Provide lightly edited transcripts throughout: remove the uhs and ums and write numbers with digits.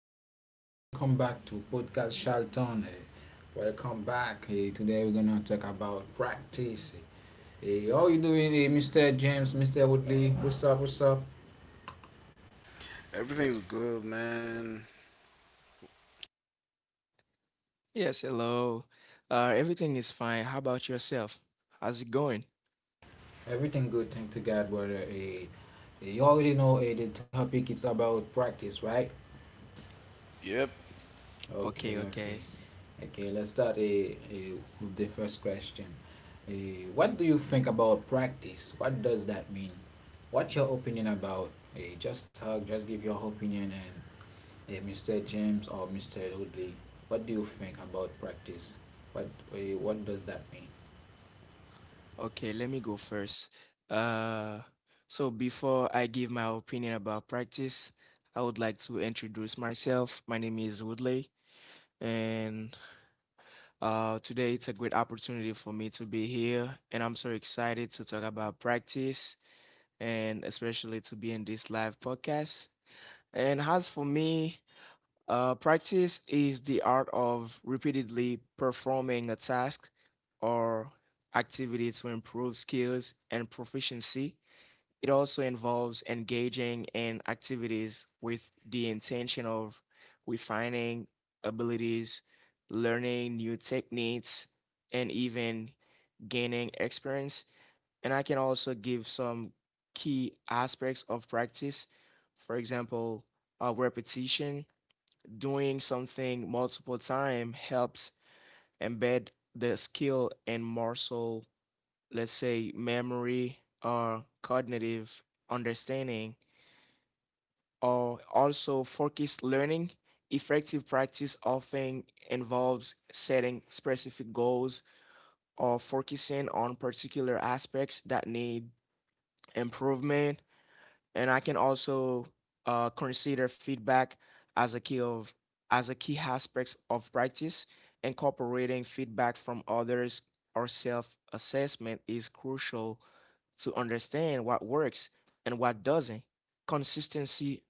hello. Welcome back to Podcast Charlton. Welcome back. Today we're gonna talk about practice. How you doing, Mr. James, Mr. Woodley? What's up? Everything's good, man. Yes, hello. Everything is fine. How about yourself? How's it going? Everything good, thank to God, brother. You already know the topic is about practice, right? Yep. Okay, Okay, okay. okay. Okay, let's start with the first question. What do you think about practice? What does that mean? What's your opinion about? Just talk, just give your opinion, and Mr. James or Mr. Woodley, what do you think about practice? What what does that mean? Okay, let me go first. Uh, so before I give my opinion about practice, I would like to introduce myself. My name is Woodley, and today it's a great opportunity for me to be here, and I'm so excited to talk about practice and especially to be in this live podcast. And as for me, practice is the art of repeatedly performing a task or activity to improve skills and proficiency. It also involves engaging in activities with the intention of refining abilities, learning new techniques, and even gaining experience. And I can also give some key aspects of practice. For example, repetition, doing something multiple time helps embed the skill in muscle, let's say memory or cognitive understanding, or also focused learning. Effective practice often involves setting specific goals or focusing on particular aspects that need improvement, and I can also consider feedback as a key aspect of practice. Incorporating feedback from others or self-assessment is crucial to understand what works and what doesn't. Consistency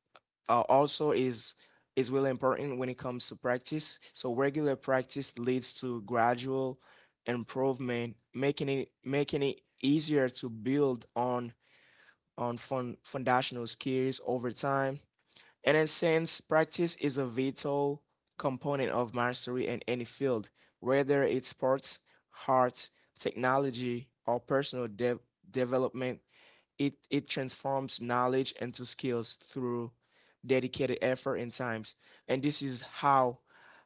also is really important when it comes to practice. So regular practice leads to gradual improvement, making it easier to build on foundational skills over time. And then, since practice is a vital component of mastery in any field, whether it's sports, art, technology, or personal development, it transforms knowledge into skills through dedicated effort and times. And this is how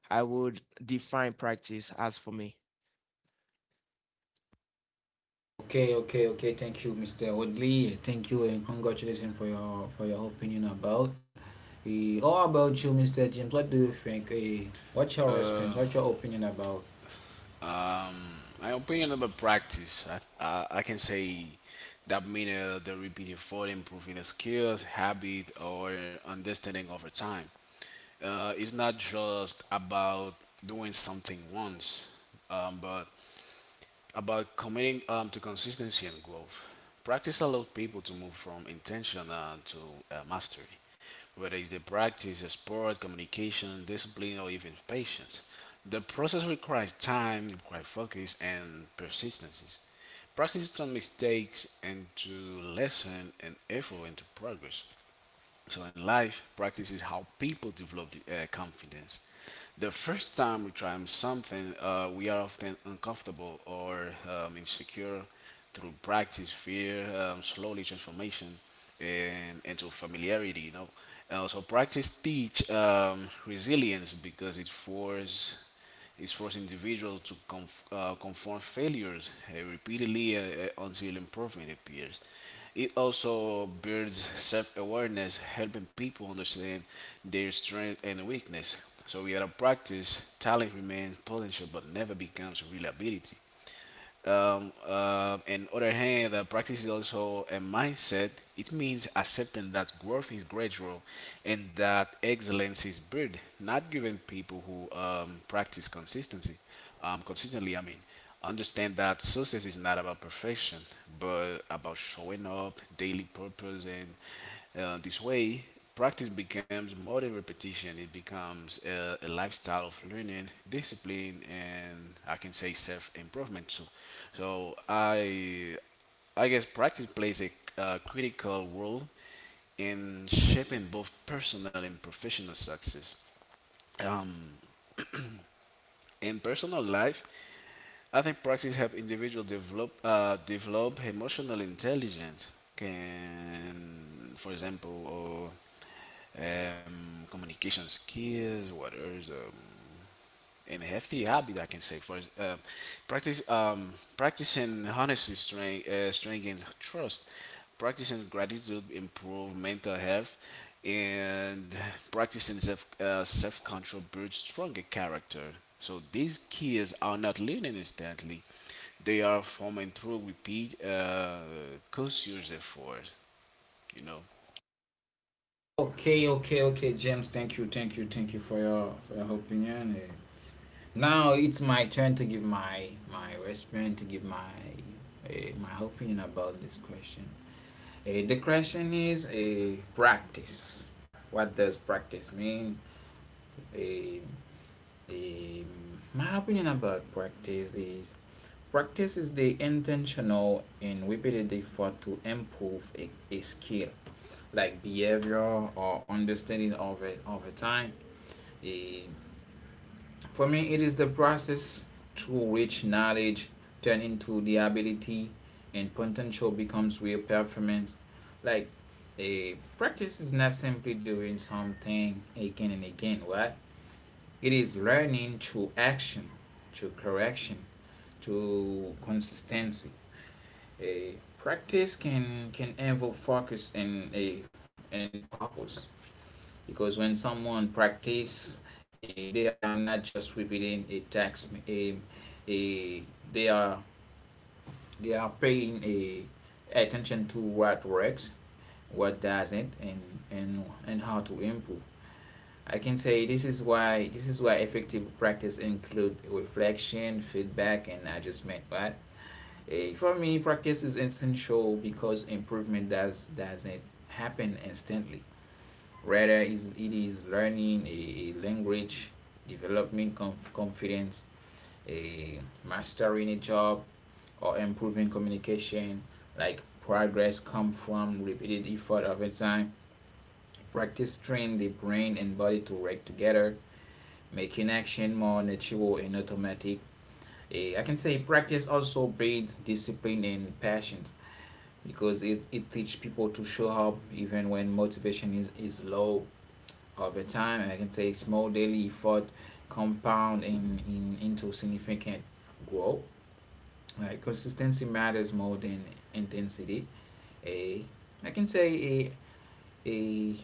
I would define practice as for me. Okay, okay, okay. Thank you, Mr. Woodley. Thank you, and congratulations for your opinion about. All about you, Mr. James. What do you think? What's your Uh, response? What's your opinion about? um, my opinion about practice, I, I can say that means the repeated effort, improving a skill, habit, or understanding over time. It's not just about doing something once, but about committing to consistency and growth. Practice allows people to move from intention to mastery, whether it's the practice, a sport, communication, discipline, or even patience. The process requires time, requires focus, and persistence. Practice turns mistakes into lesson and effort into progress. So in life, practice is how people develop confidence. The first time we try something, we are often uncomfortable or insecure. Through practice, fear slowly transformation and into familiarity. You know, and also practice teach resilience because it forces is forcing individuals to confront failures repeatedly until improvement appears. It also builds self awareness, helping people understand their strength and weakness. So, without a practice, talent remains potential but never becomes real ability. And other hand, the practice is also a mindset. It means accepting that growth is gradual and that excellence is built, not giving people who practice consistently, I mean, understand that success is not about perfection, but about showing up, daily purpose, and this way, practice becomes more than repetition, it becomes a lifestyle of learning, discipline, and I can say self improvement too. So, I guess practice plays a critical role in shaping both personal and professional success. Um, in personal life, I think practice help individual develop emotional intelligence. Can, for example, communication skills, what else? And healthy habit I can say for practice practicing honesty, strength and trust, practicing gratitude, improve mental health, and practicing self control builds stronger character. So these skills are not learned instantly; they are formed through repeat conscious effort. You know. Okay, okay, okay, James. Thank you for your opinion. Now it's my turn to give my response, to give my my opinion about this question. The question is a practice. What does practice mean? Eh, my opinion about practice is the intentional and repeated effort to improve a skill, like behavior or understanding of it over time. Eh, For me, it is the process through which knowledge turn into the ability, and potential becomes real performance. Like, a practice is not simply doing something again and again, right? It is learning through action, through correction, through consistency. A practice can involve focus and a and purpose, because when someone practice they are not just repeating a text a they are They are paying a attention to what works, what doesn't, and how to improve. I can say this is why effective practice include reflection, feedback, and adjustment. For me, practice is essential because improvement doesn't happen instantly. Rather, is it is learning language, developing confidence, a mastering a job, or improving communication. Like, progress come from repeated effort over time. Practice train the brain and body to work together, making action more natural and automatic. I can say practice also breeds discipline and patience because it teaches people to show up even when motivation is low. Over time, I can say small daily effort compound in into significant growth. Like, consistency matters more than intensity. A I can say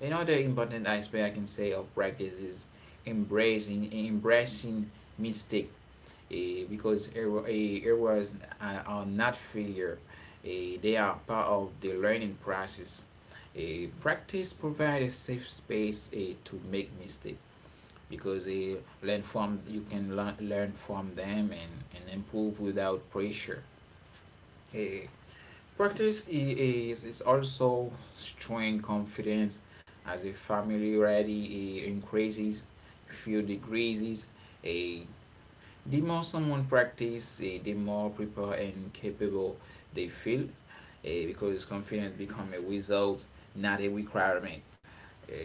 a Another important aspect I can say of practice is embracing mistake. A Because errors are not failure. A, they are part of the learning process. A practice provides a safe space to make mistake because they learn from you can learn from them and improve without pressure. Eh, Practice is also strength confidence as a familiarity increases few degrees. A The more someone practice, the more prepared and capable they feel, because confidence become a result, not a requirement. Eh,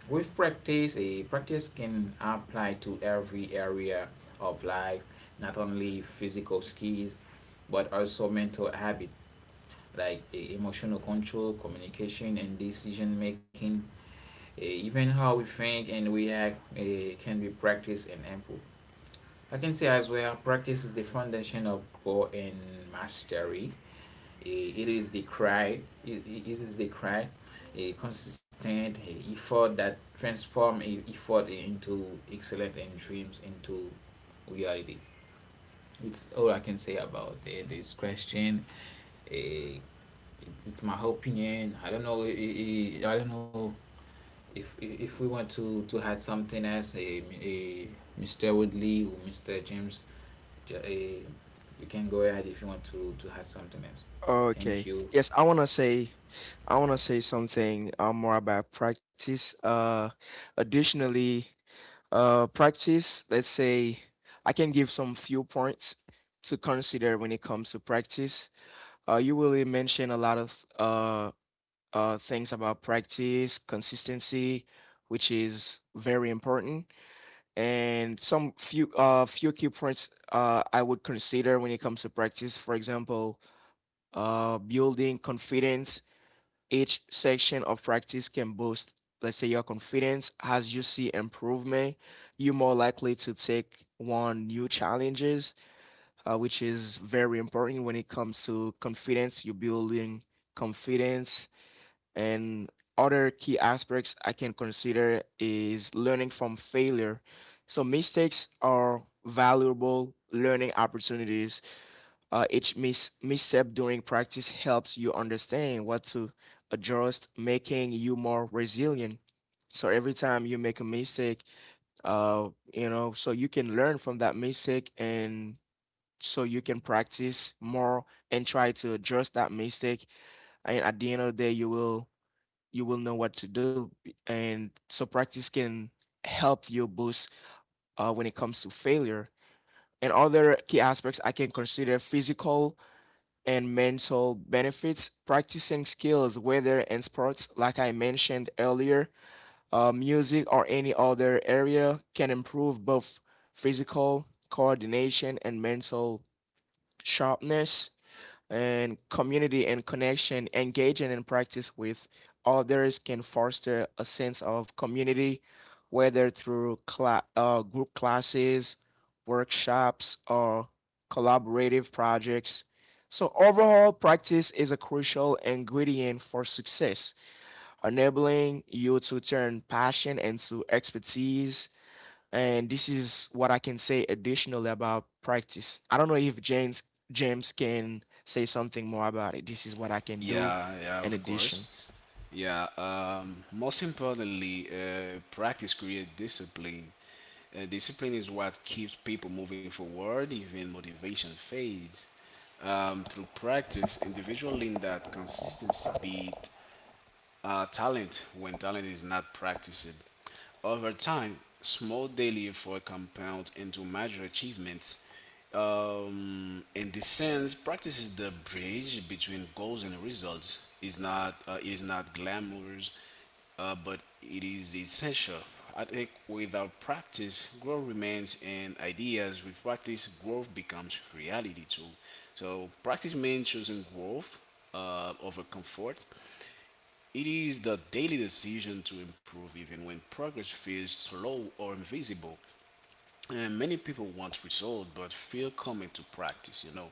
with practice, a practice can apply to every area of life, not only physical skills, but also mental habit like emotional control, communication, and decision making. Even how we think and we act can be practiced and improved. I can say as well, practice is the foundation of growth and mastery. It is the cry, a consistent effort that transforms effort into excellence and dreams into reality. It's all I can say about this question. uh, it's my opinion. I don't know I don't know if we want to add something else, Mr. Woodley or Mr. James. You can go ahead if you want to add something else. Thank Okay. you. Yes, I want to say something more about practice. Additionally, practice, let's say, I can give some few points to consider when it comes to practice. You really mention a lot of uh things about practice, consistency, which is very important, and some few few key points I would consider when it comes to practice. For example, building confidence, each section of practice can boost, let's say, your confidence. As you see improvement, you're more likely to take on new challenges, which is very important when it comes to confidence. You're building confidence. And other key aspects I can consider is learning from failure. So mistakes are valuable learning opportunities. Each misstep during practice helps you understand what to adjust, making you more resilient. So every time you make a mistake, uh, you know, so you can learn from that mistake and so you can practice more and try to adjust that mistake. And at the end of the day, you will know what to do. And so practice can help you boost when it comes to failure. And other key aspects I can consider, physical and mental benefits. Practicing skills, whether in sports, like I mentioned earlier, music, or any other area, can improve both physical coordination and mental sharpness, and community and connection. Engaging in practice with others can foster a sense of community, whether through group classes, workshops, or collaborative projects. So, overall, practice is a crucial ingredient for success, enabling you to turn passion into expertise, and this is what I can say additionally about practice. I don't know if James can say something more about it. This is what I can do Yeah, yeah, in of addition. course. Yeah, most importantly, practice creates discipline. Discipline is what keeps people moving forward, even motivation fades. Through practice, individual in that consistency beat talent when talent is not practiced. Over time, small daily effort compound into major achievements. In this sense, practice is the bridge between goals and results. Is not it is not glamorous, but it is essential. I think without practice, growth remains in ideas. With practice, growth becomes reality too. So practice means choosing growth over comfort, it is the daily decision to improve even when progress feels slow or invisible. And many people want results but feel coming to practice,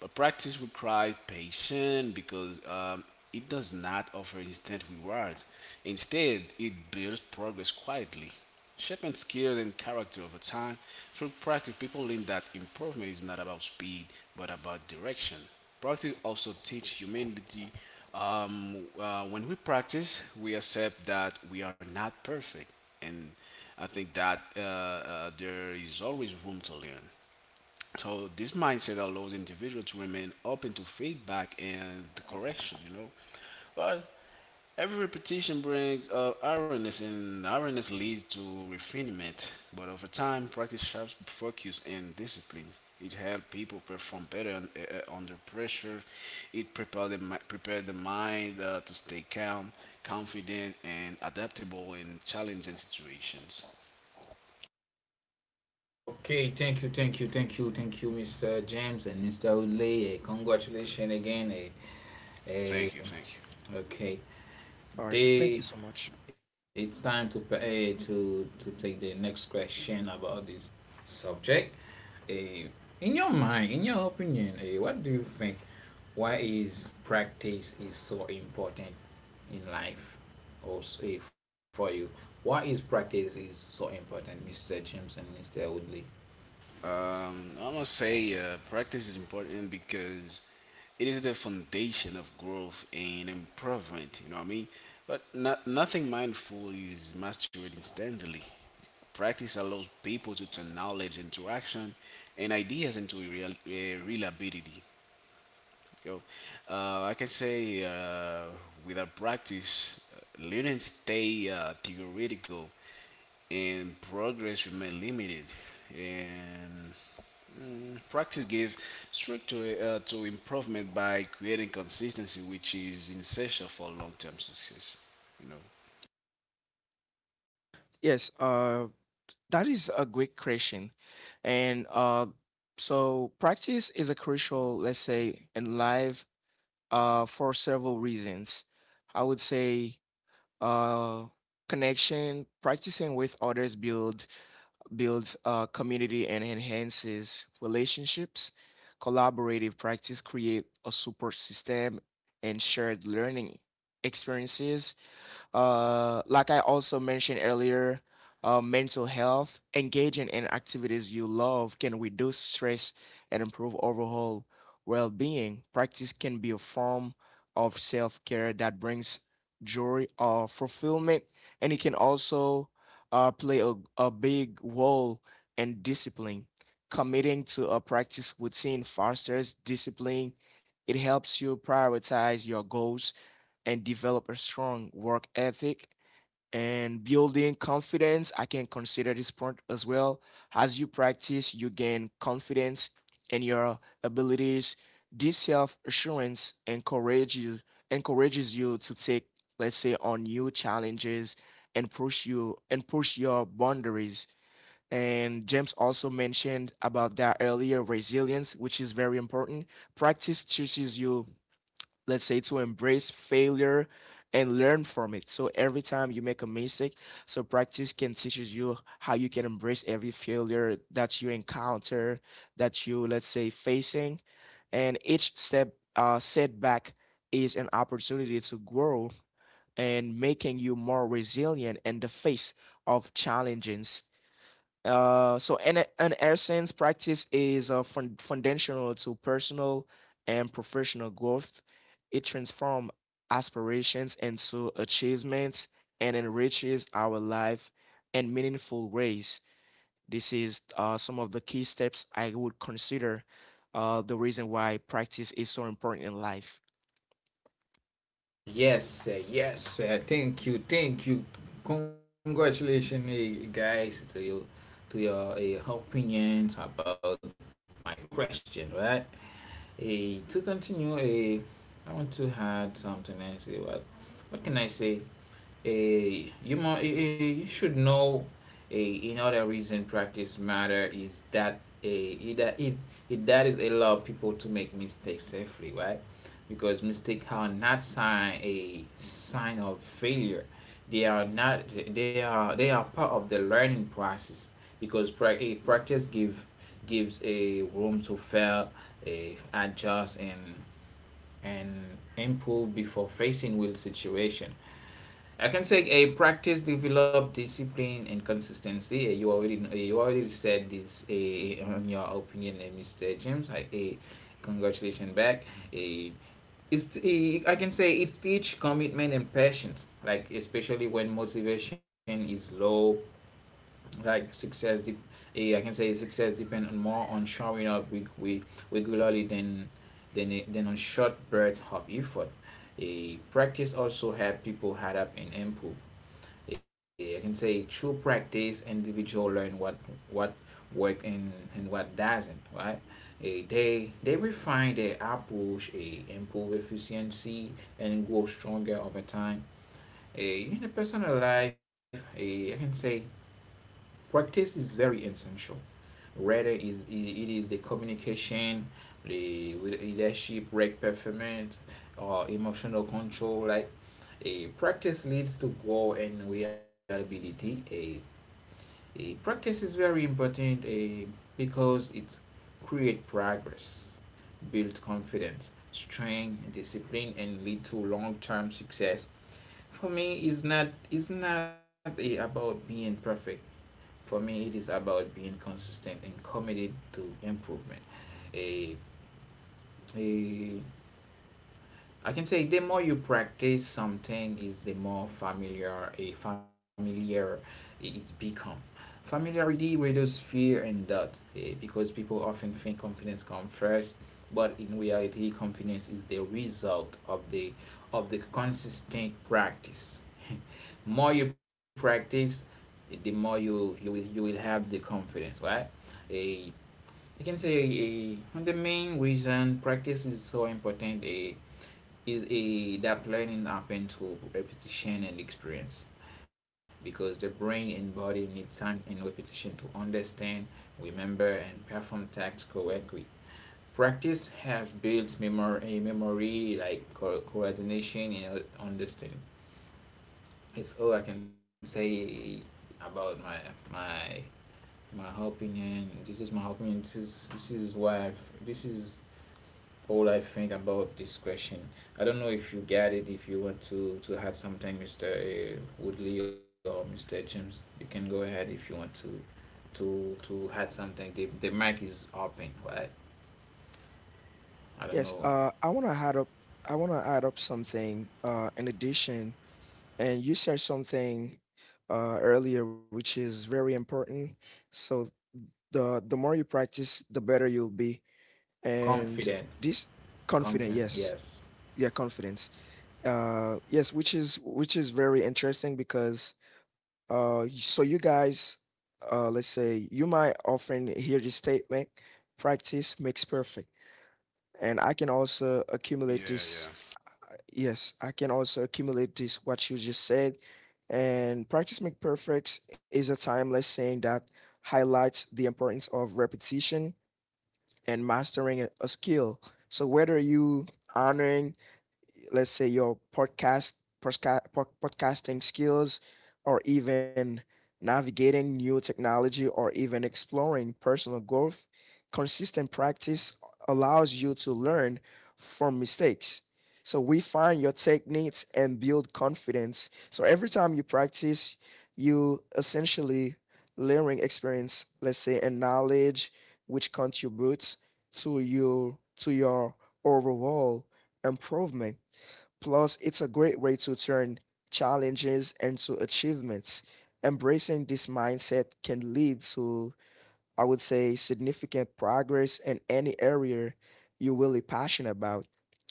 But practice requires patience because it does not offer instant rewards. Instead, it builds progress quietly, shaping skill and character over time. Through practice, people learn that improvement is not about speed but about direction. Practice also teach humility. When we practice, we accept that we are not perfect, and I think that there is always room to learn. So this mindset allows individuals to remain open to feedback and correction. You know, but Every repetition brings awareness, and awareness leads to refinement. But over time, practice sharps focus and discipline. It helps people perform better under pressure. It prepare the mind to stay calm, confident, and adaptable in challenging situations. Okay, thank you, Mr. James and Mr. Woodley. Congratulations again. Thank you, uh, thank you. okay, All right, so they, thank you so much. it's time to to take the next question about this subject. Uh, in your mind, in your opinion, what do you think? Why is practice is so important in life? Also, for you, why is practice is so important, Mr. James and Mr. Woodley? I must say, practice is important because it is the foundation of growth and improvement. You know what I mean? But not, nothing mindful is mastered instantly. Practice allows people to turn knowledge into action and ideas into real ability. You know, I can say without practice, learning stay theoretical and progress remain limited. And practice gives structure to improvement by creating consistency, which is essential for long-term success. You know. Yes, that is a great question, and so practice is a crucial, let's say, in life for several reasons. I would say uh, connection, practicing with others builds community and enhances relationships. Collaborative practice create a support system and shared learning experiences, like I also mentioned earlier, mental health, engaging in activities you love can reduce stress and improve overall well being. Practice can be a form of self care that brings joy or fulfillment, and it can also play a big role in discipline. Committing to a practice routine fosters discipline. It helps you prioritize your goals and develop a strong work ethic. And building confidence, I can consider this point as well. As you practice, you gain confidence in your abilities. This self-assurance encourages you to take, let's say, on new challenges and push your boundaries. And James also mentioned about that earlier, resilience, which is very important. Practice teaches you, let's say, to embrace failure and learn from it. So every time you make a mistake, so practice can teaches you how you can embrace every failure that you encounter, that you, let's say, facing, and each step, setback, is an opportunity to grow and making you more resilient in the face of challenges. So in essence, practice is foundational to personal and professional growth. It transforms aspirations into achievements and enriches our life in meaningful ways. This is some of the key steps I would consider, the reason why practice is so important in life. Yes, yes. Thank you, thank you. Congratulations, guys, to you, to your opinions about my question, right? To continue, I want to add something else. What can I say? A You must, you should know a another reason practice matter is that a that it that is allow people to make mistakes safely, right? Because mistakes are not sign a sign of failure. They are not They are, they are part of the learning process, because pra- a practice gives a room to fail, a adjust, and and improve before facing real situation. I can say a practice develop discipline and consistency. You already you already said this on your opinion, Mr. James. I congratulations back. Uh, it's I can say it teach commitment and patience. Like, especially when motivation is low, like success. I can say success depend on more on showing up we regularly than on short bursts of effort. A practice also help people adapt and improve. I can say through practice, individual learn what work and what doesn't, right? They they refine their approach, improve efficiency, and grow stronger over time. In a personal life, I can say practice is very essential. Rather, is it is the communication, the with leadership, work performance, or emotional control. Like, practice leads to grow and reliability. Eh. Practice is very important because it creates progress, builds confidence, strength, discipline, and lead to long-term success. For me, it's not about being perfect. For me, it is about being consistent and committed to improvement. A A, I can say the more you practice something is the more familiar it's become. Familiarity reduces fear and doubt, because people often think confidence comes first, but in reality confidence is the result of the consistent practice. More you practice, the more you will have the confidence, right? A I can say eh, the main reason practice is so important a is a that learning happens through repetition and experience, because the brain and body need time and repetition to understand, remember, and perform tasks correctly. Practice have built memory, like coordination and understanding. It's all I can say about my my opinion. This is my opinion. This is why this is all I think about this question. I don't know if you get it. If you want to add something, Mr. Woodley or Mr. James, you can go ahead if you want to add something. The mic is open, right? I don't Yes, know. I want to add up. I want to add up something. In addition, and you said something earlier, which is very important. So the more you practice, the better you'll be. And Confident, this confident, confident. yes, Yes. yeah, confidence. Yes, which is very interesting because so you guys, let's say you might often hear this statement, practice makes perfect. And I can also accumulate Yeah, this. Yes, I can also accumulate this what you just said. And practice make perfect is a timeless saying that highlights the importance of repetition and mastering a skill. So whether you honoring, let's say, your podcasting skills, or even navigating new technology, or even exploring personal growth, consistent practice allows you to learn from mistakes, so refine your techniques and build confidence. So every time you practice, you essentially layering experience, let's say, and knowledge, which contributes to your overall improvement. Plus, it's a great way to turn challenges into achievements. Embracing this mindset can lead to, I would say, significant progress in any area you're really passionate about.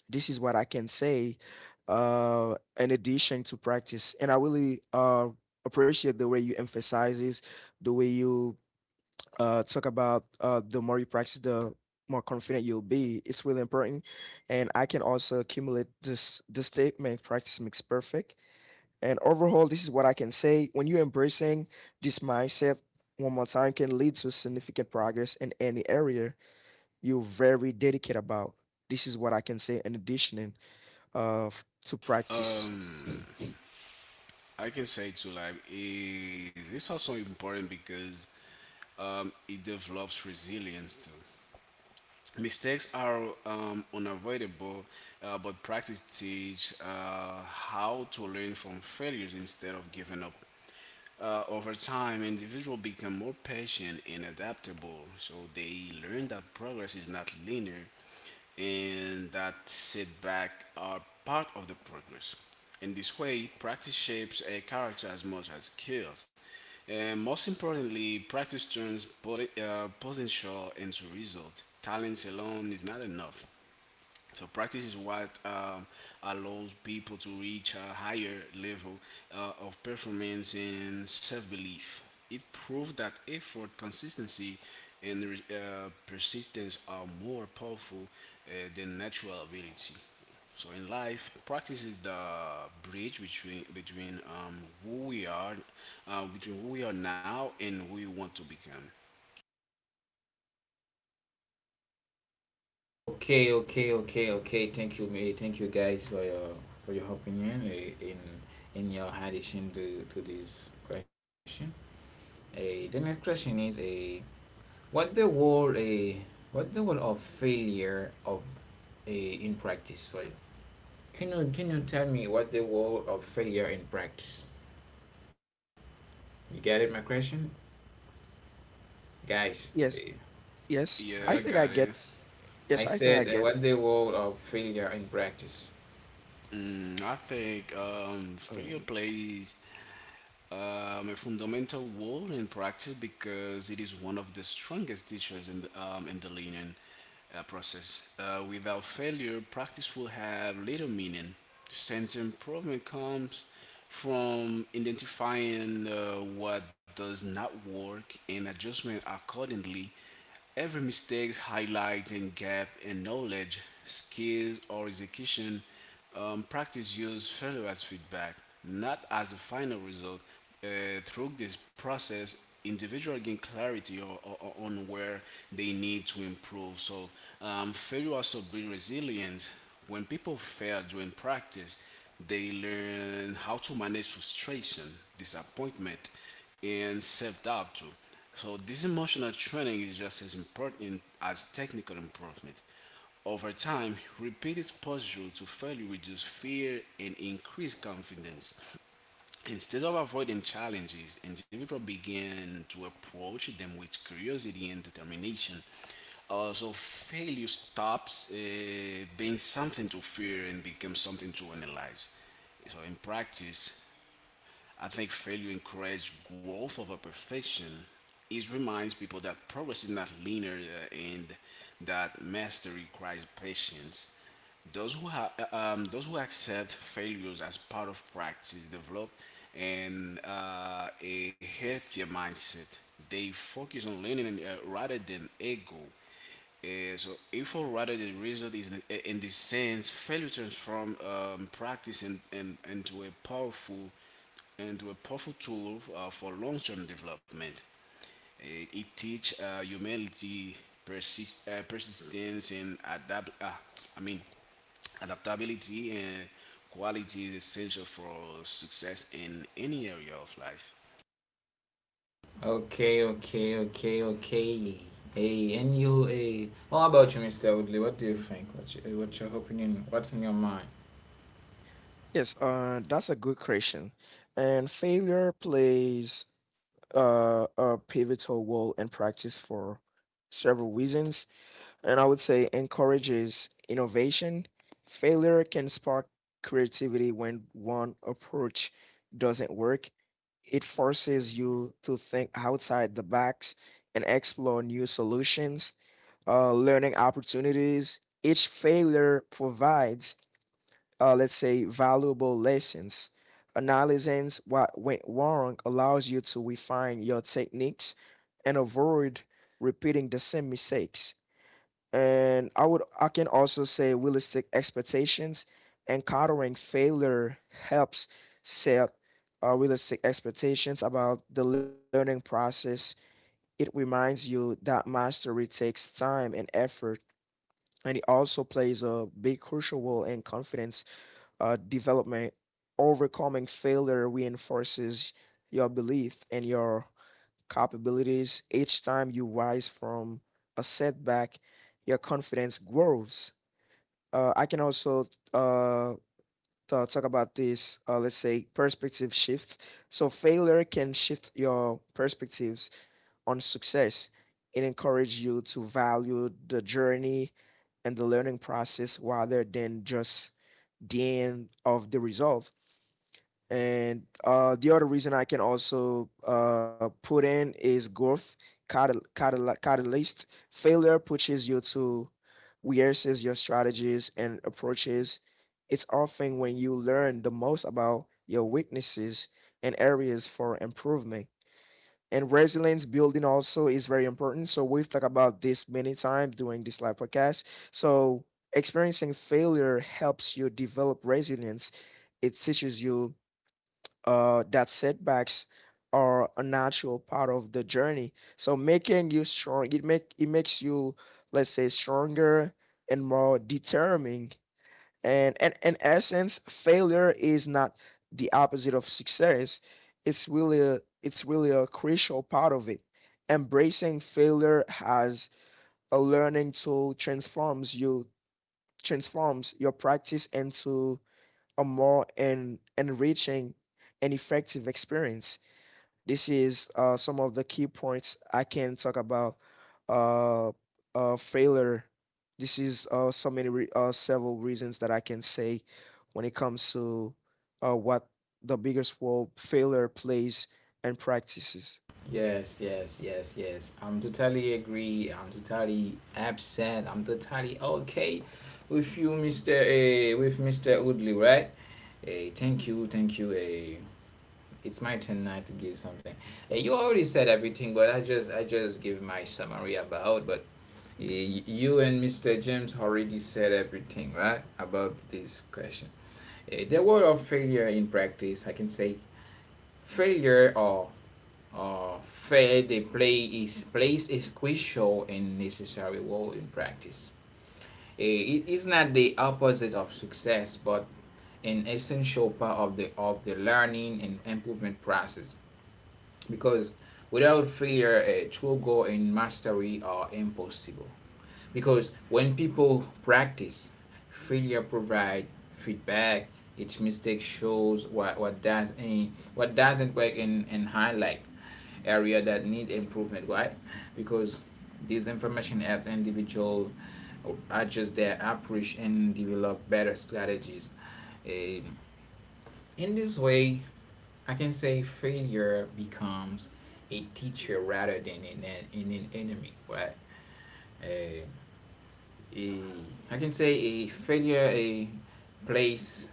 This is what I can say in addition to practice. And I really appreciate the way you emphasize this, the way you talk about, the more you practice, the more confident you'll be. It's really important. And I can also accumulate this, the statement practice makes perfect. And overall, this is what I can say. When you're embracing this mindset one more time, can lead to significant progress in any area you're very dedicated about. This is what I can say in addition uh, to yeah. practice. I can say too, like it's also important because it develops resilience too. Mistakes are unavoidable, but practice teach how to learn from failures instead of giving up. Over time, individuals become more patient and adaptable, so they learn that progress is not linear and that setbacks are part of the progress. In this way, practice shapes a character as much as skills. And most importantly, practice turns potential into result. Talents alone is not enough. So practice is what allows people to reach a higher level of performance and self-belief. It proves that effort, consistency, and persistence are more powerful than natural ability. So in life, practice is the bridge between who we are, between who we are now and who we want to become. Okay, okay, okay, okay. Thank you, me. Thank you, guys, for your opinion in your addition to this question. The next question is a What the role a what the role of failure of a in practice for you? Can you tell me what the role of failure in practice? You get it, my question, guys. Yes, yes. Yeah, I I I think I got it. get yes, I I think I said get what the role of failure in practice. Mm, I think uh, failure plays a fundamental role in practice because it is one of the strongest teachers in in the learning process. Without failure, practice will have little meaning since improvement comes from identifying what does not work and adjustment accordingly. Every mistake highlights a gap in knowledge, skills, or execution. Practice use failure as feedback, not as a final result. Uh, through this process, individuals gain clarity or on where they need to improve. So, failure also builds resilience. When people fail during practice, they learn how to manage frustration, disappointment, and self doubt too. So this emotional training is just as important as technical improvement. Over time, repeated exposure to failure reduce fear and increase confidence. Instead of avoiding challenges, individuals begin to approach them with curiosity and determination. Also, failure stops being something to fear and becomes something to analyze. So, in practice, I think failure encourages growth over perfection. It reminds people that progress is not linear and that mastery requires patience. Those who ha- those who accept failures as part of practice develop and a healthier mindset. They focus on learning, rather than ego. So effort rather than result is in this sense failure transform practice into a powerful tool for long-term development. It teach humanity persistence and adapt. I mean, adaptability and quality is essential for success in any area of life. Okay, okay, okay, okay. Hey, and you, hey, how about you, Mr. Woodley? What do you think? What's your opinion? What's in your mind? Yes, that's a good question. And failure plays a pivotal role in practice for several reasons. And I would say encourages innovation. Failure can spark creativity when one approach doesn't work. It forces you to think outside the box and explore new solutions. Learning opportunities. Each failure provides, let's say, valuable lessons. Analyzing what went wrong allows you to refine your techniques and avoid repeating the same mistakes. And I would I can also say realistic expectations. Encountering failure helps set realistic expectations about the learning process. It reminds you that mastery takes time and effort, and it also plays a big crucial role in confidence development. Overcoming failure reinforces your belief in your capabilities. Each time you rise from a setback, your confidence grows. I can also uh, talk about this, let's say, perspective shift. So, failure can shift your perspectives on success. It encourages you to value the journey and the learning process rather than just the end of the result. And the other reason I can also put in is growth catalyst. Failure pushes you to reassess your strategies and approaches. It's often when you learn the most about your weaknesses and areas for improvement. And resilience building also is very important. So we've talked about this many times during this live podcast. So experiencing failure helps you develop resilience. It teaches you that setbacks are a natural part of the journey. So making you strong, it makes you, let's say, stronger and more determining. And in essence, failure is not the opposite of success. It's really it's really a crucial part of it. Embracing failure as a learning tool transforms your practice into a more enriching and effective experience. This is some of the key points I can talk about. Uh, Failure. This is so many several reasons that I can say when it comes to, what the biggest role failure plays and practices. Yes, yes, yes, yes. I'm totally agree. I'm totally upset. I'm totally okay with you, Mister. With Mister Woodley, right? Thank you, thank you. It's my turn now to give something. You already said everything, but I just give my summary about. But you and Mister James already said everything, right, about this question. The word of failure in practice, I can say failure or fair the play is plays is crucial and necessary role in practice. It is not the opposite of success, but an essential part of the learning and improvement process. Because without failure, a true goal and mastery are impossible. Because when people practice, failure provide feedback. Each mistake shows what does and what doesn't work, and highlight area that need improvement. Why? Because these information helps individual adjust their approach and develop better strategies. Um, in this way, I can say failure becomes a teacher rather than an enemy, right? Um, a, I can say a failure a place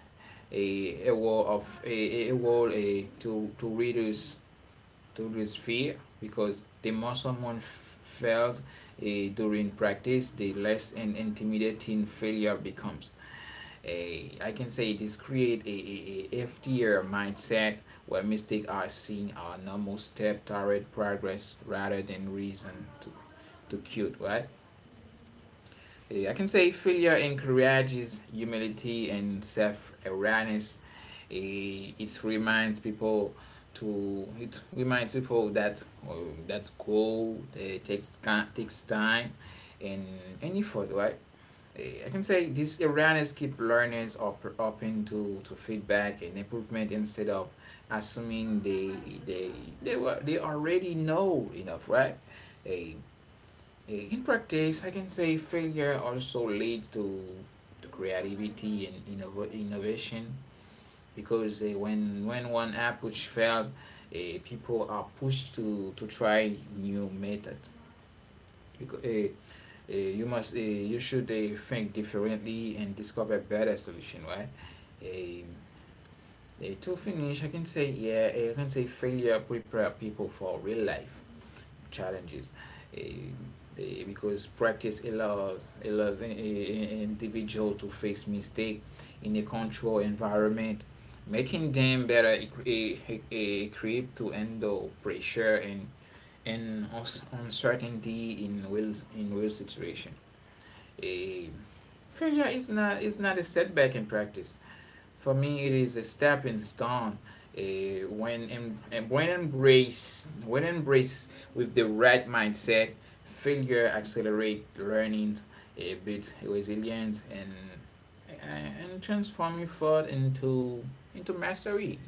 a wall of a wall, to readers, to lose fear, because the more someone fails during practice, the less an intimidating failure becomes. I can say this create a FTR mindset where mistakes are seen as normal step toward progress rather than reason to cute, right? Yeah, I can say failure encourages humility and self awareness. It reminds people that that goal takes time and any effort, right? I can say this awareness keep learners open to feedback and improvement instead of assuming they they already know enough, right? Uh, In practice, I can say failure also leads to creativity and innovation because when one app which fails, people are pushed to try new methods. Because, you should think differently and discover better solution, right? Um, to finish, I can say, yeah, eh, I can say failure prepare people for real life challenges, eh, because practice allows an individual to face mistake in a controlled environment, making them better, equipped to handle pressure and uncertainty in real situation. A failure is not a setback in practice. For me, it is a stepping stone. When em- em- when embrace with the right mindset, failure accelerate learning, a bit resilience, and transform your thought into mastery.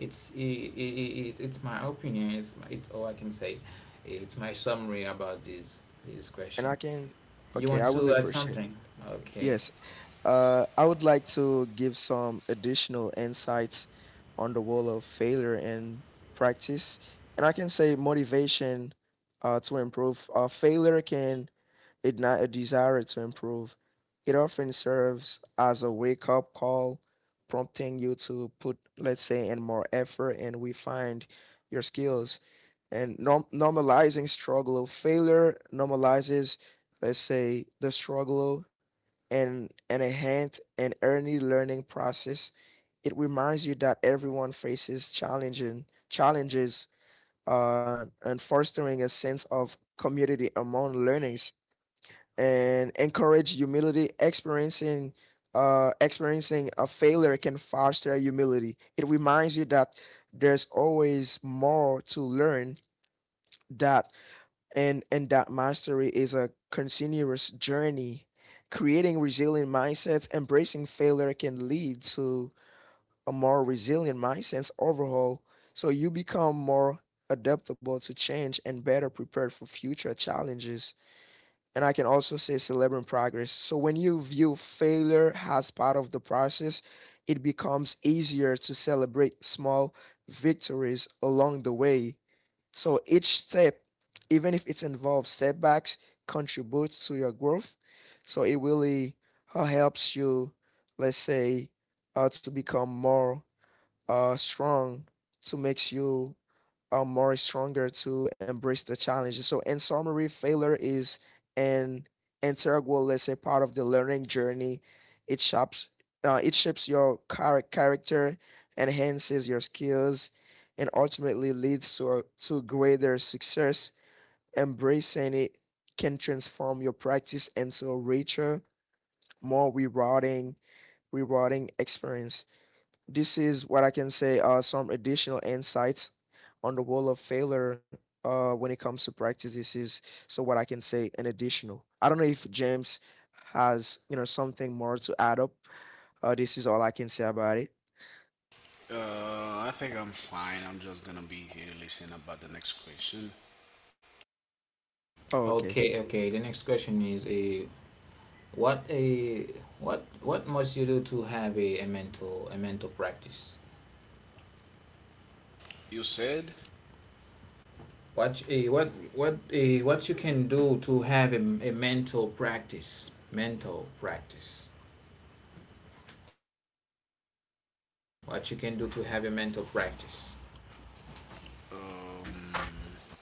It's it it it's my opinion. It's all I can say. It's my summary about this And I question. can, You okay, want I will to add appreciate. something? Okay. Yes, I would like to give some additional insights on the role of failure in practice. And I can say motivation to improve. Failure can ignite a desire to improve. It often serves as a wake up call, prompting you to put, let's say, in more effort and refine your skills. And normalizing struggle. Failure normalizes, let's say, the struggle and enhance an early learning process. It reminds you that everyone faces challenging challenges and fostering a sense of community among learners and encourage humility. Experiencing experiencing a failure can foster humility. It reminds you that there's always more to learn that And that mastery is a continuous journey. Creating resilient mindsets, embracing failure can lead to a more resilient mindset overhaul, so you become more adaptable to change and better prepared for future challenges. And I can also say celebrating progress. So when you view failure as part of the process, it becomes easier to celebrate small victories along the way. So each step, even if it involves setbacks, contributes to your growth. So it really helps you, let's say, to become more strong, to makes you more stronger to embrace the challenges. So, in summary, failure is an integral, let's say, part of the learning journey. It shapes, it shapes your character, enhances your skills, and ultimately leads to greater success. Embracing it can transform your practice into a richer, more rewarding experience. This is what I can say are some additional insights on the wall of failure when it comes to practice. This is so what I can say an additional. I don't know if James has something more to add up. This is all I can say about it. I think I'm fine. I'm just gonna be here listening about the next question Oh, okay. Okay, okay. The next question is: What a what what must you do to have a mental practice? you said, What you can do to have a mental practice? Mental practice. What you can do to have a mental practice? um,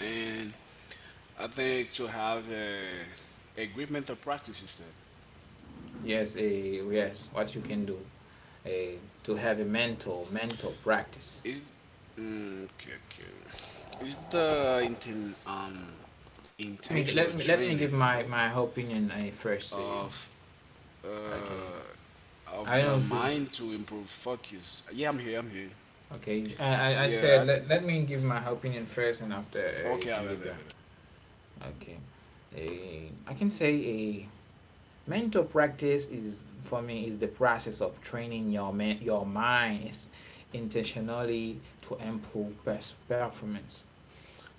and I think to have a great mental practice. You said. Yes, a yes. What you can do a to have a mental practice? Is mm, okay, okay. Is the Let me intentional let me let me give training, you my know, my opinion first. Of Okay, uh of I don't the know if you. mind to improve focus? Yeah, I'm here. I'm here. Okay. I said, Yeah. let me give my opinion first, and after you okay. Can give your. Okay. I can say a mental practice is for me is the process of training your minds intentionally to improve performance,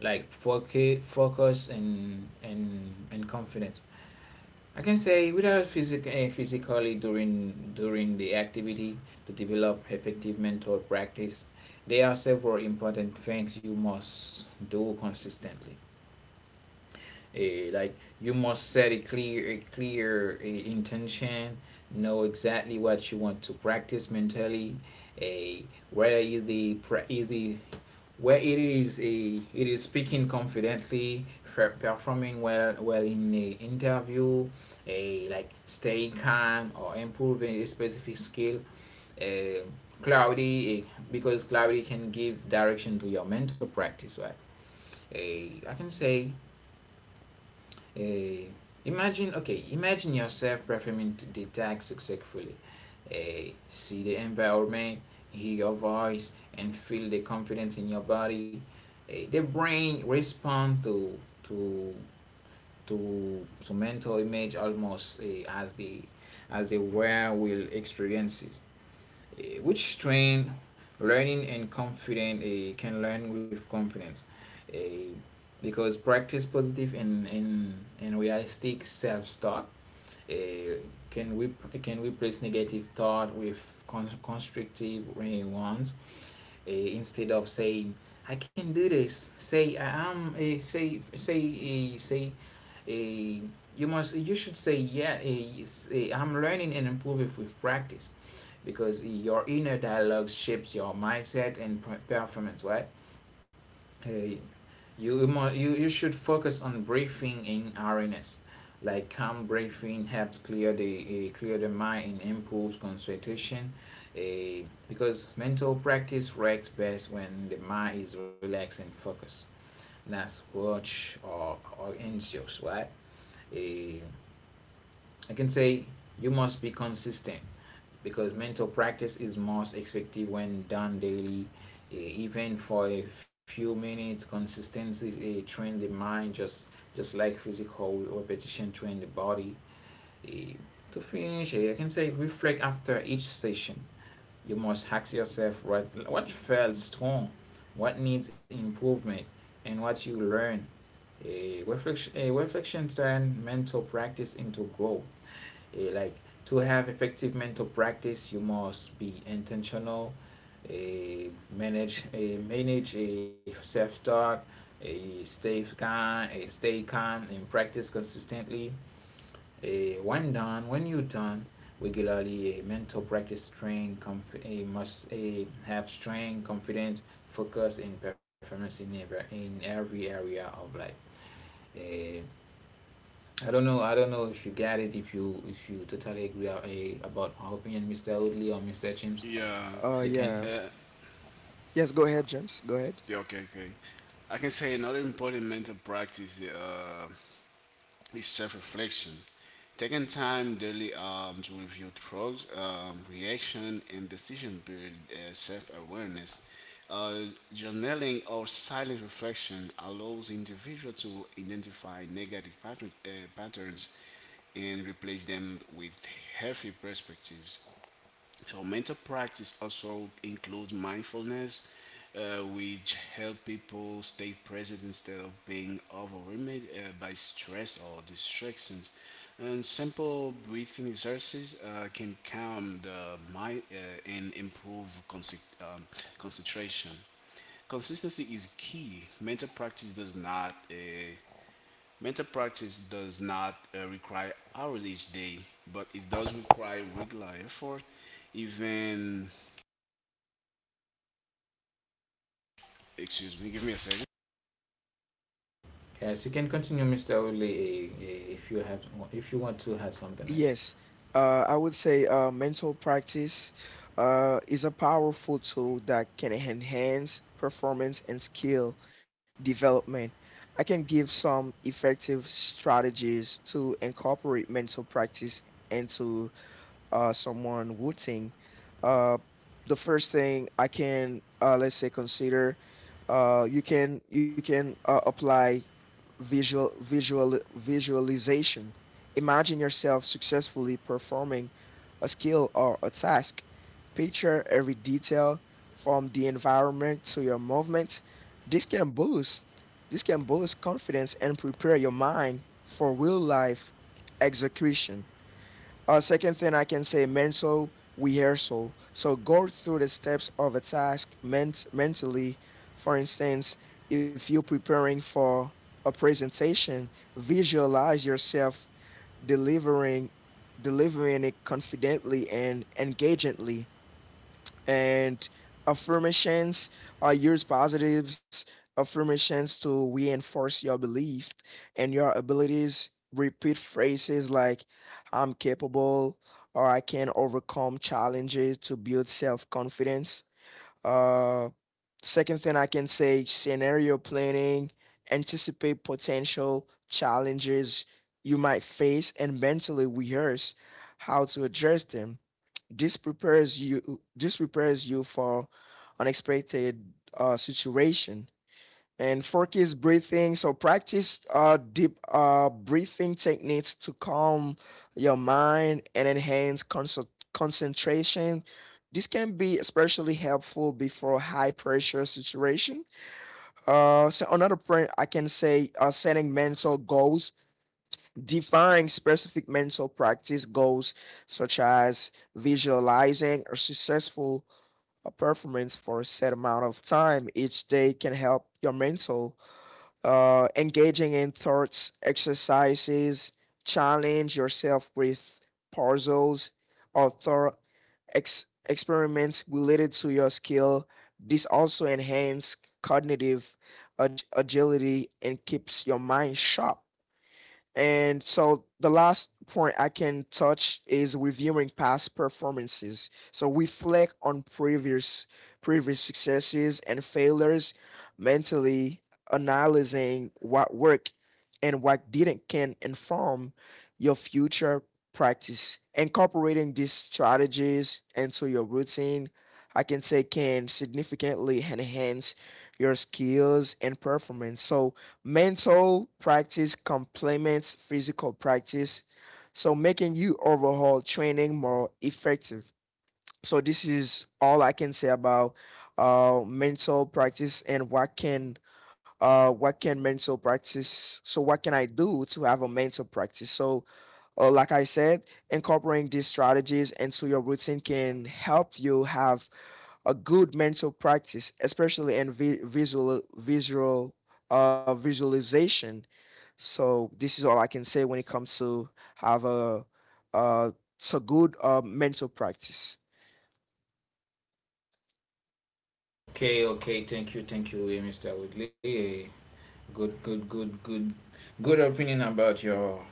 like focus and confidence. I can say without physically during the activity. To develop effective mental practice, there are several important things you must do consistently. Like, you must set a clear intention. Know exactly what you want to practice mentally. A Whether is the, where it is a it is speaking confidently, performing well in a interview. A Like staying calm or improving a specific skill. eh, Clarity, because clarity can give direction to your mental practice. Right. A I can say, uh, okay, imagine yourself performing the task successfully. See the environment, hear your voice, and feel the confidence in your body. The brain responds to to mental image, almost as the where will experiences, which train learning and confident. Can learn with confidence, uh, because practice positive and realistic self-talk uh, can we can replace negative thought with constructive ones, instead of saying I can do this, say I am, say say say uh, you should say, yeah, I'm learning and improving with practice, because your inner dialogue shapes your mindset and performance, right? Uh, you should focus on breathing in awareness. Like, calm breathing helps clear the mind and improves concentration. Uh, because mental practice works best when the mind is relaxed and focused, not watch or anxious, right? Uh, I can say you must be consistent, because mental practice is most effective when done daily. Eh, Even for a few minutes, consistency, train the mind just like physical repetition train the body. Eh, To finish, I can say, reflect after each session. You must ask yourself what felt strong, what needs improvement, and what you learn. A reflection turn mental practice into growth. Like, to have effective mental practice, you must be intentional, eh, manage a self talk, a stay calm, and practice consistently. When you done regularly, a mental practice have strength, confidence, focus, and performance in every area of life. Eh, I don't know. I don't know if you get it, if you totally agree about my opinion, Mr. Woodley or Mr. James. yeah. You Yeah. can. Uh, Yes, go ahead, James. Go ahead. yeah. Okay. Okay. I can say another important mental practice is self-reflection. Taking time daily to review drugs, reaction, and decision build self awareness. Uh, journaling or silent reflection allows individual to identify patterns and replace them with healthy perspectives. So mental practice also includes mindfulness, which help people stay present instead of being overwhelmed by stress or distractions. And simple breathing exercises can calm the mind and improve concentration. Consistency is key. Mental practice does not mental practice does not require hours each day, but it does require regular effort even. Excuse me, give me a second. Yes, you can continue, Mr. Woodley, if you want to have something else. Yes, I would say mental practice is a powerful tool that can enhance performance and skill development. I can give some effective strategies to incorporate mental practice into someone would think. Uh, the first thing I can let's say consider, you can apply visualization. Imagine yourself successfully performing a skill or a task. Picture every detail from the environment to your movements. This can boost this can boost confidence and prepare your mind for real life execution. Second thing I can say, mental rehearsal. So go through the steps of a task mentally. For instance, if you're preparing for a presentation, visualize yourself delivering delivering it confidently and engagingly. And affirmations, or use positives affirmations to reinforce your belief and your abilities. Repeat phrases like I'm capable or I can overcome challenges to build self-confidence. uh, second thing I can say, scenario planning. Anticipate potential challenges you might face and mentally rehearse how to address them. This prepares you for unexpected situation. And focus breathing. So practice deep breathing techniques to calm your mind and enhance concentration. This can be especially helpful before high pressure situation. So another point I can say, setting mental goals. Define specific mental practice goals, such as visualizing a successful performance for a set amount of time each day, can help your mental. Engaging in thoughts, exercises, challenge yourself with puzzles or thought experiments related to your skill. This also enhances cognitive agility and keeps your mind sharp. And so the last point I can touch is reviewing past performances. So reflect on previous successes and failures, mentally analyzing what worked and what didn't can inform your future practice. Incorporating these strategies into your routine, I can say can significantly enhance your skills and performance. So mental practice complements physical practice, so making you overall training more effective. So this is all I can say about mental practice and what can mental practice. So what can I do to have a mental practice? So like I said, incorporating these strategies into your routine can help you have a good mental practice, especially in visualization. So this is all I can say when it comes to have a uh so good mental practice. Okay, okay. Thank you, Mr. Woodley. Good, good, good, good, good opinion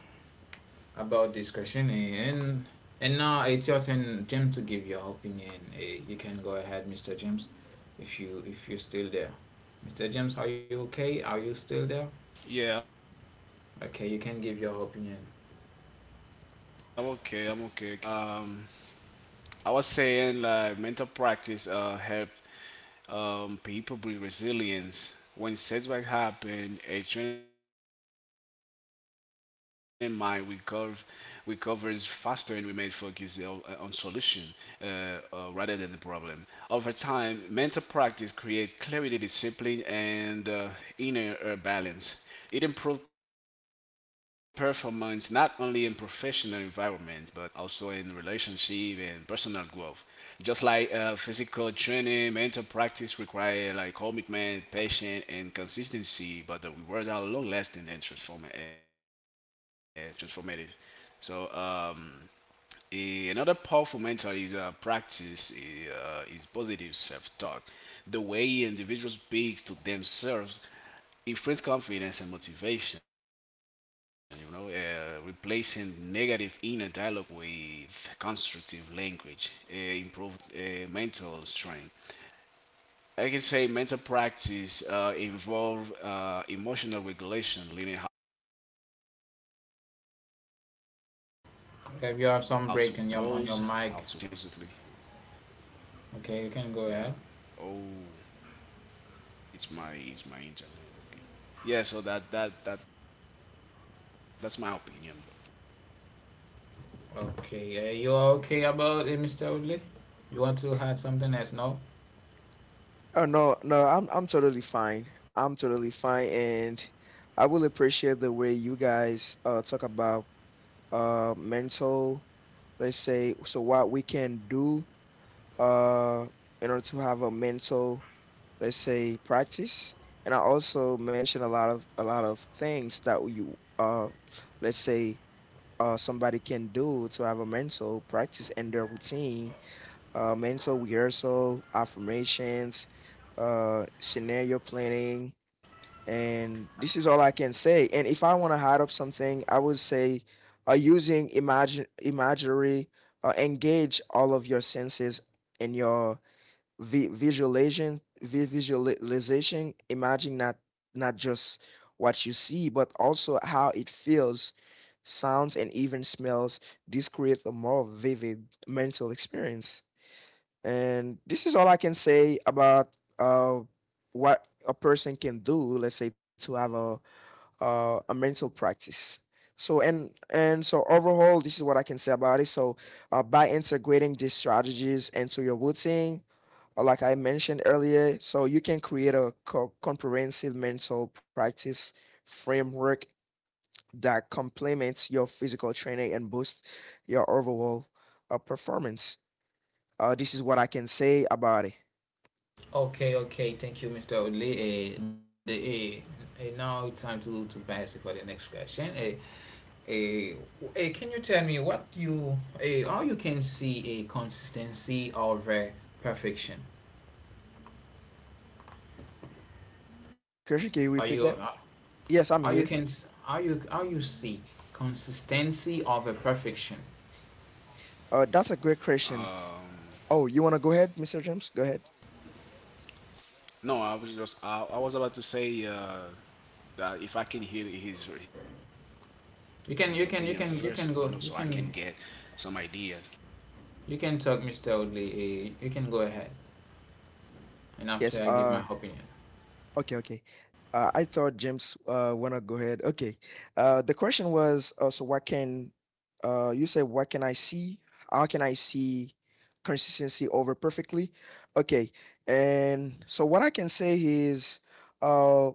about this question. And now it's your turn, James, to give your opinion. You can go ahead, Mr. James, if you're still there. Mr. James, are you okay? Are you still there? Okay, you Yeah, I'm can give okay. your I'm opinion. okay. Can you hear me good right now? Yeah, I was saying like mental practice help people build resilience. When setbacks happen, a trained mind recovers faster and remains focused on solution rather than the problem. Over time, mental practice creates clarity, discipline, and inner balance. It improves performance not only in professional environments but also in relationship and personal growth. Just like physical training, mental practice require like commitment, patience, and consistency, but the rewards are long-lasting and transformative. So another powerful mentor is is positive self-talk. The way individuals speaks to themselves it confidence and motivation, you know, replacing negative inner dialogue with constructive language, improved mental strength. I can say mental practice involve emotional regulation, learning how to pause, how to breathe, and Okay, if you respond have some break truthfully on instead your mic, of reacting impulsively. okay, you can go ahead. Yeah. Oh, it's my internet. Okay. Yeah. So that's my opinion. Okay, you are okay about it, Mr. Woodley? You want to add something else? No. Oh no, no, I'm totally fine. I'm totally fine, and I will appreciate the way you guys talk about mental. Let's say so what we can do uh, in order to have a mental, let's say, practice. And I also mention a lot of things that you let's say somebody can do to have a mental practice in their routine, mental rehearsal, affirmations, scenario planning, and this is all I can say. And if I want to hide up something, I would say using imagine imaginary, engage all of your senses and your visualization. Imagine not just what you see but also how it feels, sounds, and even smells. This creates a more vivid mental experience. And this is all I can say about uh, what a person can do, let's say, to have a mental practice. So and so overall this is what I can say about it. So by integrating these strategies into your routine, like I mentioned earlier, so you can create a comprehensive mental practice framework that complements your physical training and boosts your overall performance. This is what I can say about it. Okay, okay. Thank you, Mr. Woodley. The Now it's time to pass it for the next question. Uh, can you tell me what you how you can see a consistency over perfection? Are Christian, can you you repeat that? Yes, I'm here. How you see consistency over perfection? That's a great question. Um, Oh, you want to go ahead, Mr. James? Go ahead. No, I was just I was about to say that if I can hear his opinion You first, can you know, you so can I you can can you get can go you some can ideas. You can talk, Mr. Woodley. You can go ahead, and Yes. after I give my opinion. okay, okay. I thought James wanna go ahead. Okay. The question was so what can you say, what can I see? How can I see consistency over perfectly? Okay. And so what I can say is uh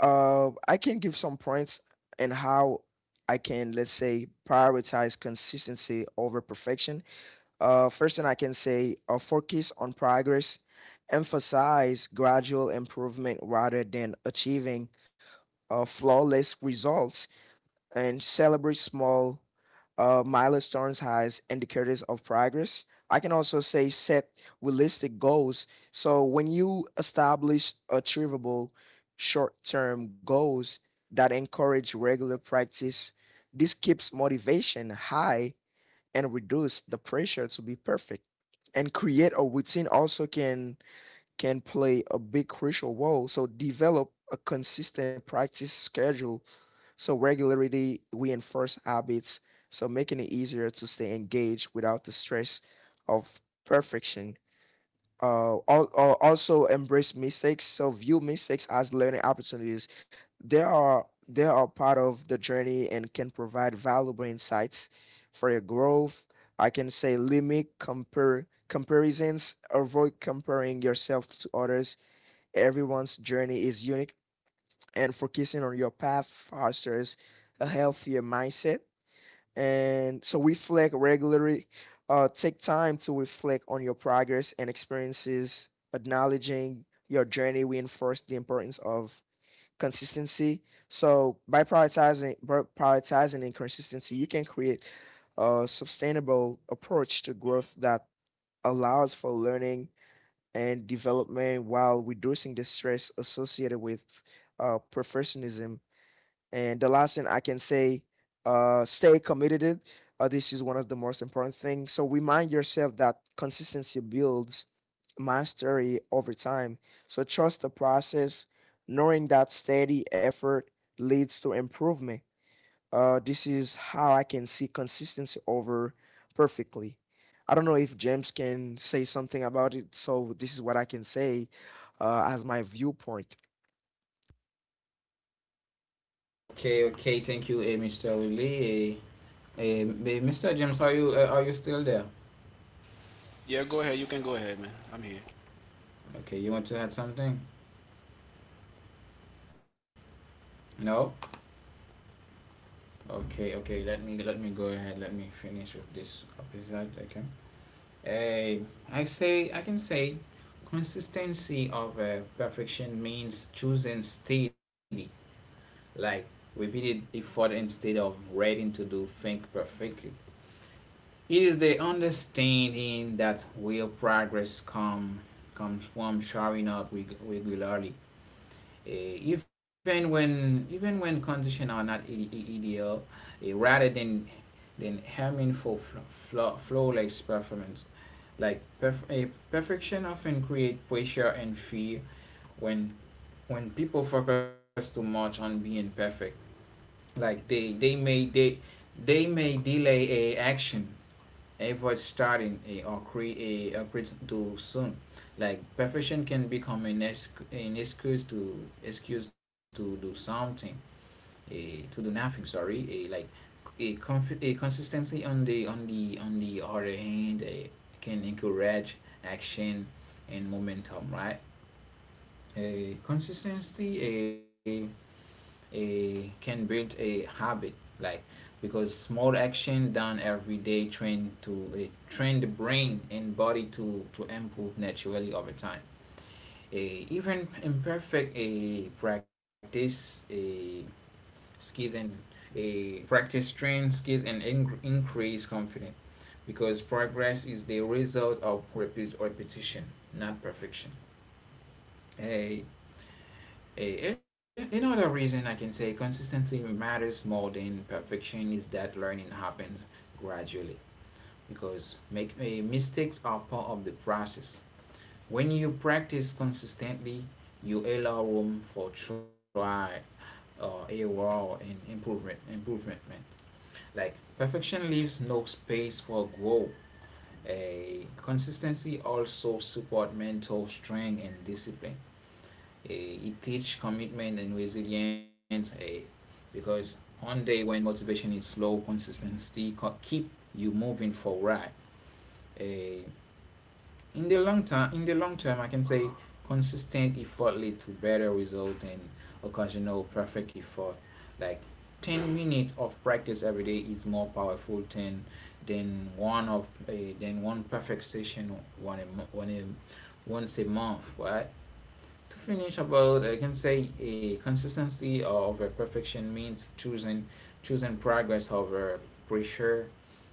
I can give some points and how I can, let's say, prioritize consistency over perfection. First thing I can say, focus on progress, emphasize gradual improvement rather than achieving flawless results, and celebrate small milestones as indicators of progress. I can also say set realistic goals. So when you establish achievable short-term goals that encourage regular practice, this keeps motivation high and reduce the pressure to be perfect. And create a routine also can play a big crucial role. So develop a consistent practice schedule. So regularity reinforce habits, so making it easier to stay engaged without the stress of perfection. Also, embrace mistakes. So view mistakes as learning opportunities. They are part of the journey and can provide valuable insights for your growth. I can say limit compare comparisons. Avoid comparing yourself to others. Everyone's journey is unique, and focusing on your path fosters a healthier mindset. And so reflect regularly. Take time to reflect on your progress and experiences. Acknowledging your journey reinforce the importance of consistency. So by prioritizing inconsistency, you can create a sustainable approach to growth that allows for learning and development while reducing the stress associated with perfectionism. And the last thing I can say, stay committed. This is one of the most important things. So remind yourself that consistency builds mastery over time. So trust the process, knowing that steady effort leads to improvement. This is how I can see consistency over perfectly. I don't know if James can say something about it, so this is what I can say as my viewpoint. Okay, okay, thank you, Mr. Woodley. Mr. James, are you still there? Yeah, go ahead. You can go ahead, man. I'm here. Okay, you want to add something? No. Okay, okay. Let me go ahead. Let me finish with this episode. Okay. Eh, I can say consistency of perfection means choosing steady, like, repeated effort instead of waiting to do things perfectly. It is the understanding that real progress comes from showing up regularly, even when conditions are not ideal, rather than aiming for flawless performance. Like, perfection often create pressure and fear. When people focus too much on being perfect, like, they may delay a action, avoid starting, a or create a create too soon. Like, perfection can become an excuse to excuse to do something, a to do nothing. Sorry, a like, a, conf- a consistency on the on the on the other hand, a can encourage action and momentum, right? A consistency a a can build a habit, like, because small action done every day, train the brain and body to improve naturally over time. A Even imperfect a practice, a skills and a practice train skills and increase confidence, because progress is the result of repeat repetition, not perfection. Eh, a- Another reason I can say consistency matters more than perfection is that learning happens gradually, because mistakes are part of the process. When you practice consistently, you allow room for try, error, and improvement. Improvement, man. Like, perfection leaves no space for growth. A Consistency also support mental strength and discipline. It teaches commitment and resilience, because one day when motivation is low, consistency keep you moving forward. Eh, in the long term, I can say consistent effort lead to better result than occasional perfect effort. Like, 10 minutes of practice every day is more powerful than one perfect session one a, once a month, right? To finish about, I can say a consistency of a perfection means choosing progress over pressure.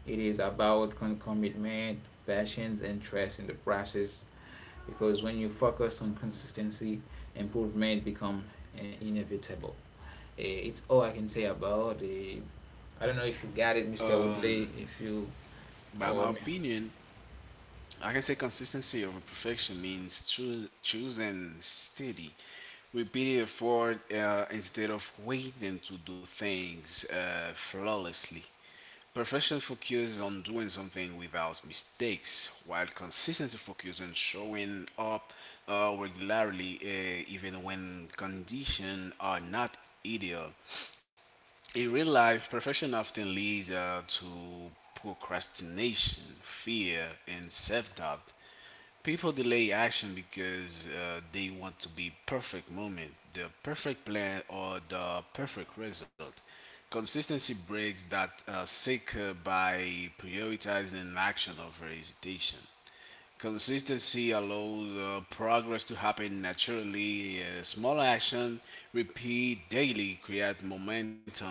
It is about commitment, passions, and trust in the process. Because when you focus on consistency, improvement become inevitable. It's all I can say about the. I don't know if you got it, Mr. Um, Woodley. If you. by my Oh, opinion, I can say consistency over perfection means choosing steady, repeated effort instead of waiting to do things flawlessly. Perfection focuses on doing something without mistakes, while consistency focuses on showing up regularly even when conditions are not ideal. In real life, perfection often leads to procrastination, fear, and self doubt. People delay action because they want to be perfect moment, the perfect plan, or the perfect result. Consistency breaks that cycle by prioritizing action over hesitation. Consistency allows progress to happen naturally. Small action, repeat daily, create momentum.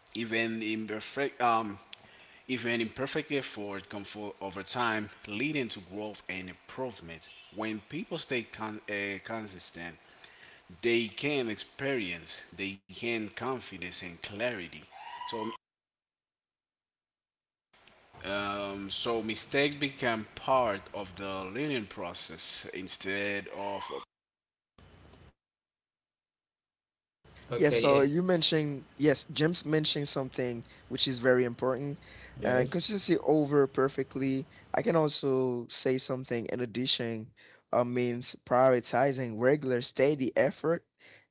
Even imperfect, um, even imperfect effort can fall over time, leading to growth and improvement. When people stay consistent, they can experience, they gain confidence and clarity. So, mistakes become part of the learning process instead of. Yeah, okay, so yeah. you mentioned, yes, James mentioned something which is very important. And Yes. consistency over perfectly. I can also say something in addition means prioritizing regular, steady effort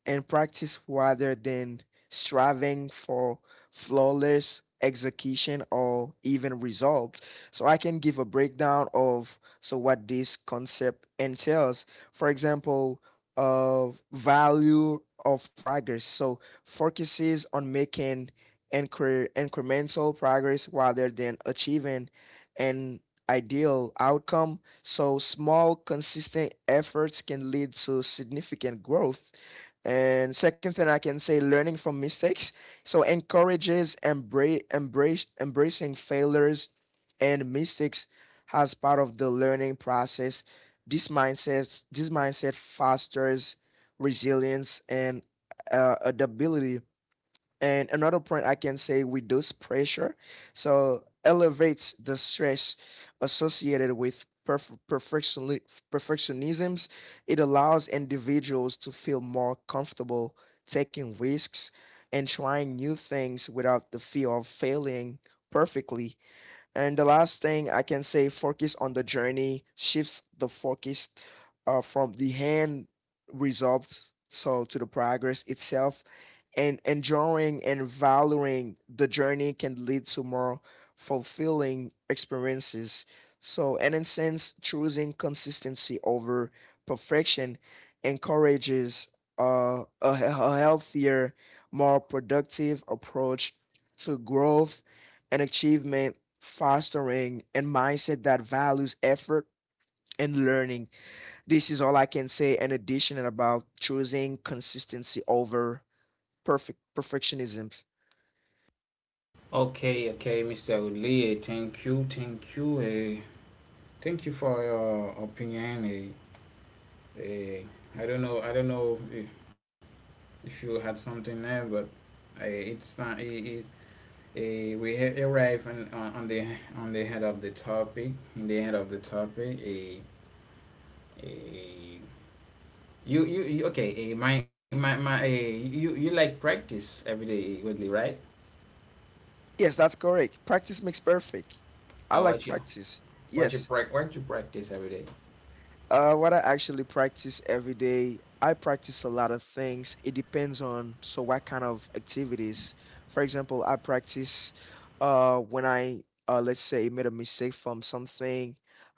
and practice rather than striving for flawless execution or even results. So I can give a breakdown of so what this concept entails. For example, of value of progress. So focuses on making incremental progress rather than achieving an ideal outcome. So small, consistent efforts can lead to significant growth. And second thing I can say, learning from mistakes. So encourages embrace, embrace embracing failures and mistakes as part of the learning process. This mindset fosters resilience and adaptability. And another point I can say, reduce pressure, so elevates the stress associated with perfectionisms. It allows individuals to feel more comfortable taking risks and trying new things without the fear of failing perfectly. And the last thing I can say, focus on the journey, shifts the focus from the hand results so to the progress itself, and enjoying and valuing the journey can lead to more fulfilling experiences. So, and in a sense, choosing consistency over perfection encourages a, a healthier, more productive approach to growth and achievement, fostering a mindset that values effort and learning. This is all I can say in addition about choosing consistency over perfectionism. Okay, okay, Mr. Woodley, thank you, thank you. Thank you for your opinion. Eh, I don't know. I don't know if you had something there, but I. It's not. Arrive on the head of the topic. In the head of the topic, a you okay? You like practice every day, Woodley, right? Yes, that's correct. Practice makes perfect. I Uh, like what you practice. what you Yes. prac what you practice every day? What I actually practice every day, I practice a lot of things. It depends on so what kind of activities. For example, I practice when I let's say made a mistake from something.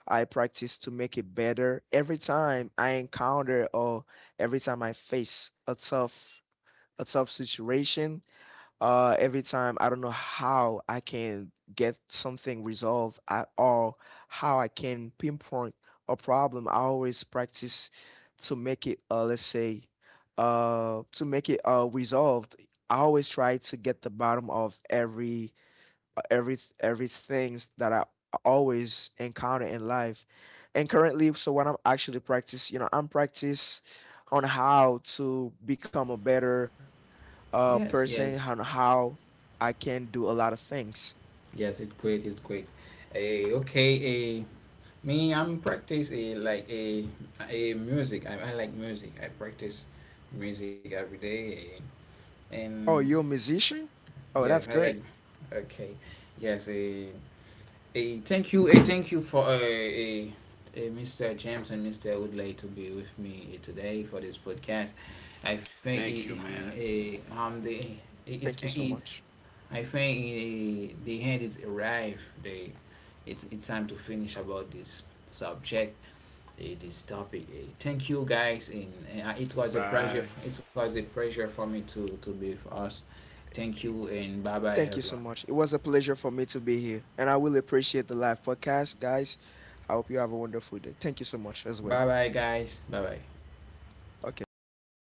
I practice to make it better every time I encounter, or every time I face a tough situation. Every time I don't know how I can get something resolved at all, how I can pinpoint a problem. I always practice to make it, let's say, to make it resolved. I always try to get the bottom of every every things that I always encounter in life. And currently, so what I'm actually practice, you know, I'm practice on how to become a better Yes, person, on yes, how I can do a lot of things. yes. It's great. It's great. Okay. Me, I'm practice a like a music. I like music. I practice music every day, and Oh, you're a musician? Oh, yes, I that's like. great. Okay, yes, a thank you for, a Mr. James and Mr. Woodley to be with me today for this podcast. I think Thank you, it, man. it, the it, it's Thank you so it much. I think it, the hand is arrived. The It's time to finish about this subject. It is topic A. Thank you guys, and it was a Bye. pleasure. It was a pleasure for me to be with us. Thank you, and bye bye, Thank you so everyone. much. It was a pleasure for me to be here, and I will appreciate the live podcast, guys. I hope you have a wonderful day. Thank you so much as well. Bye bye, guys. Bye bye. Okay.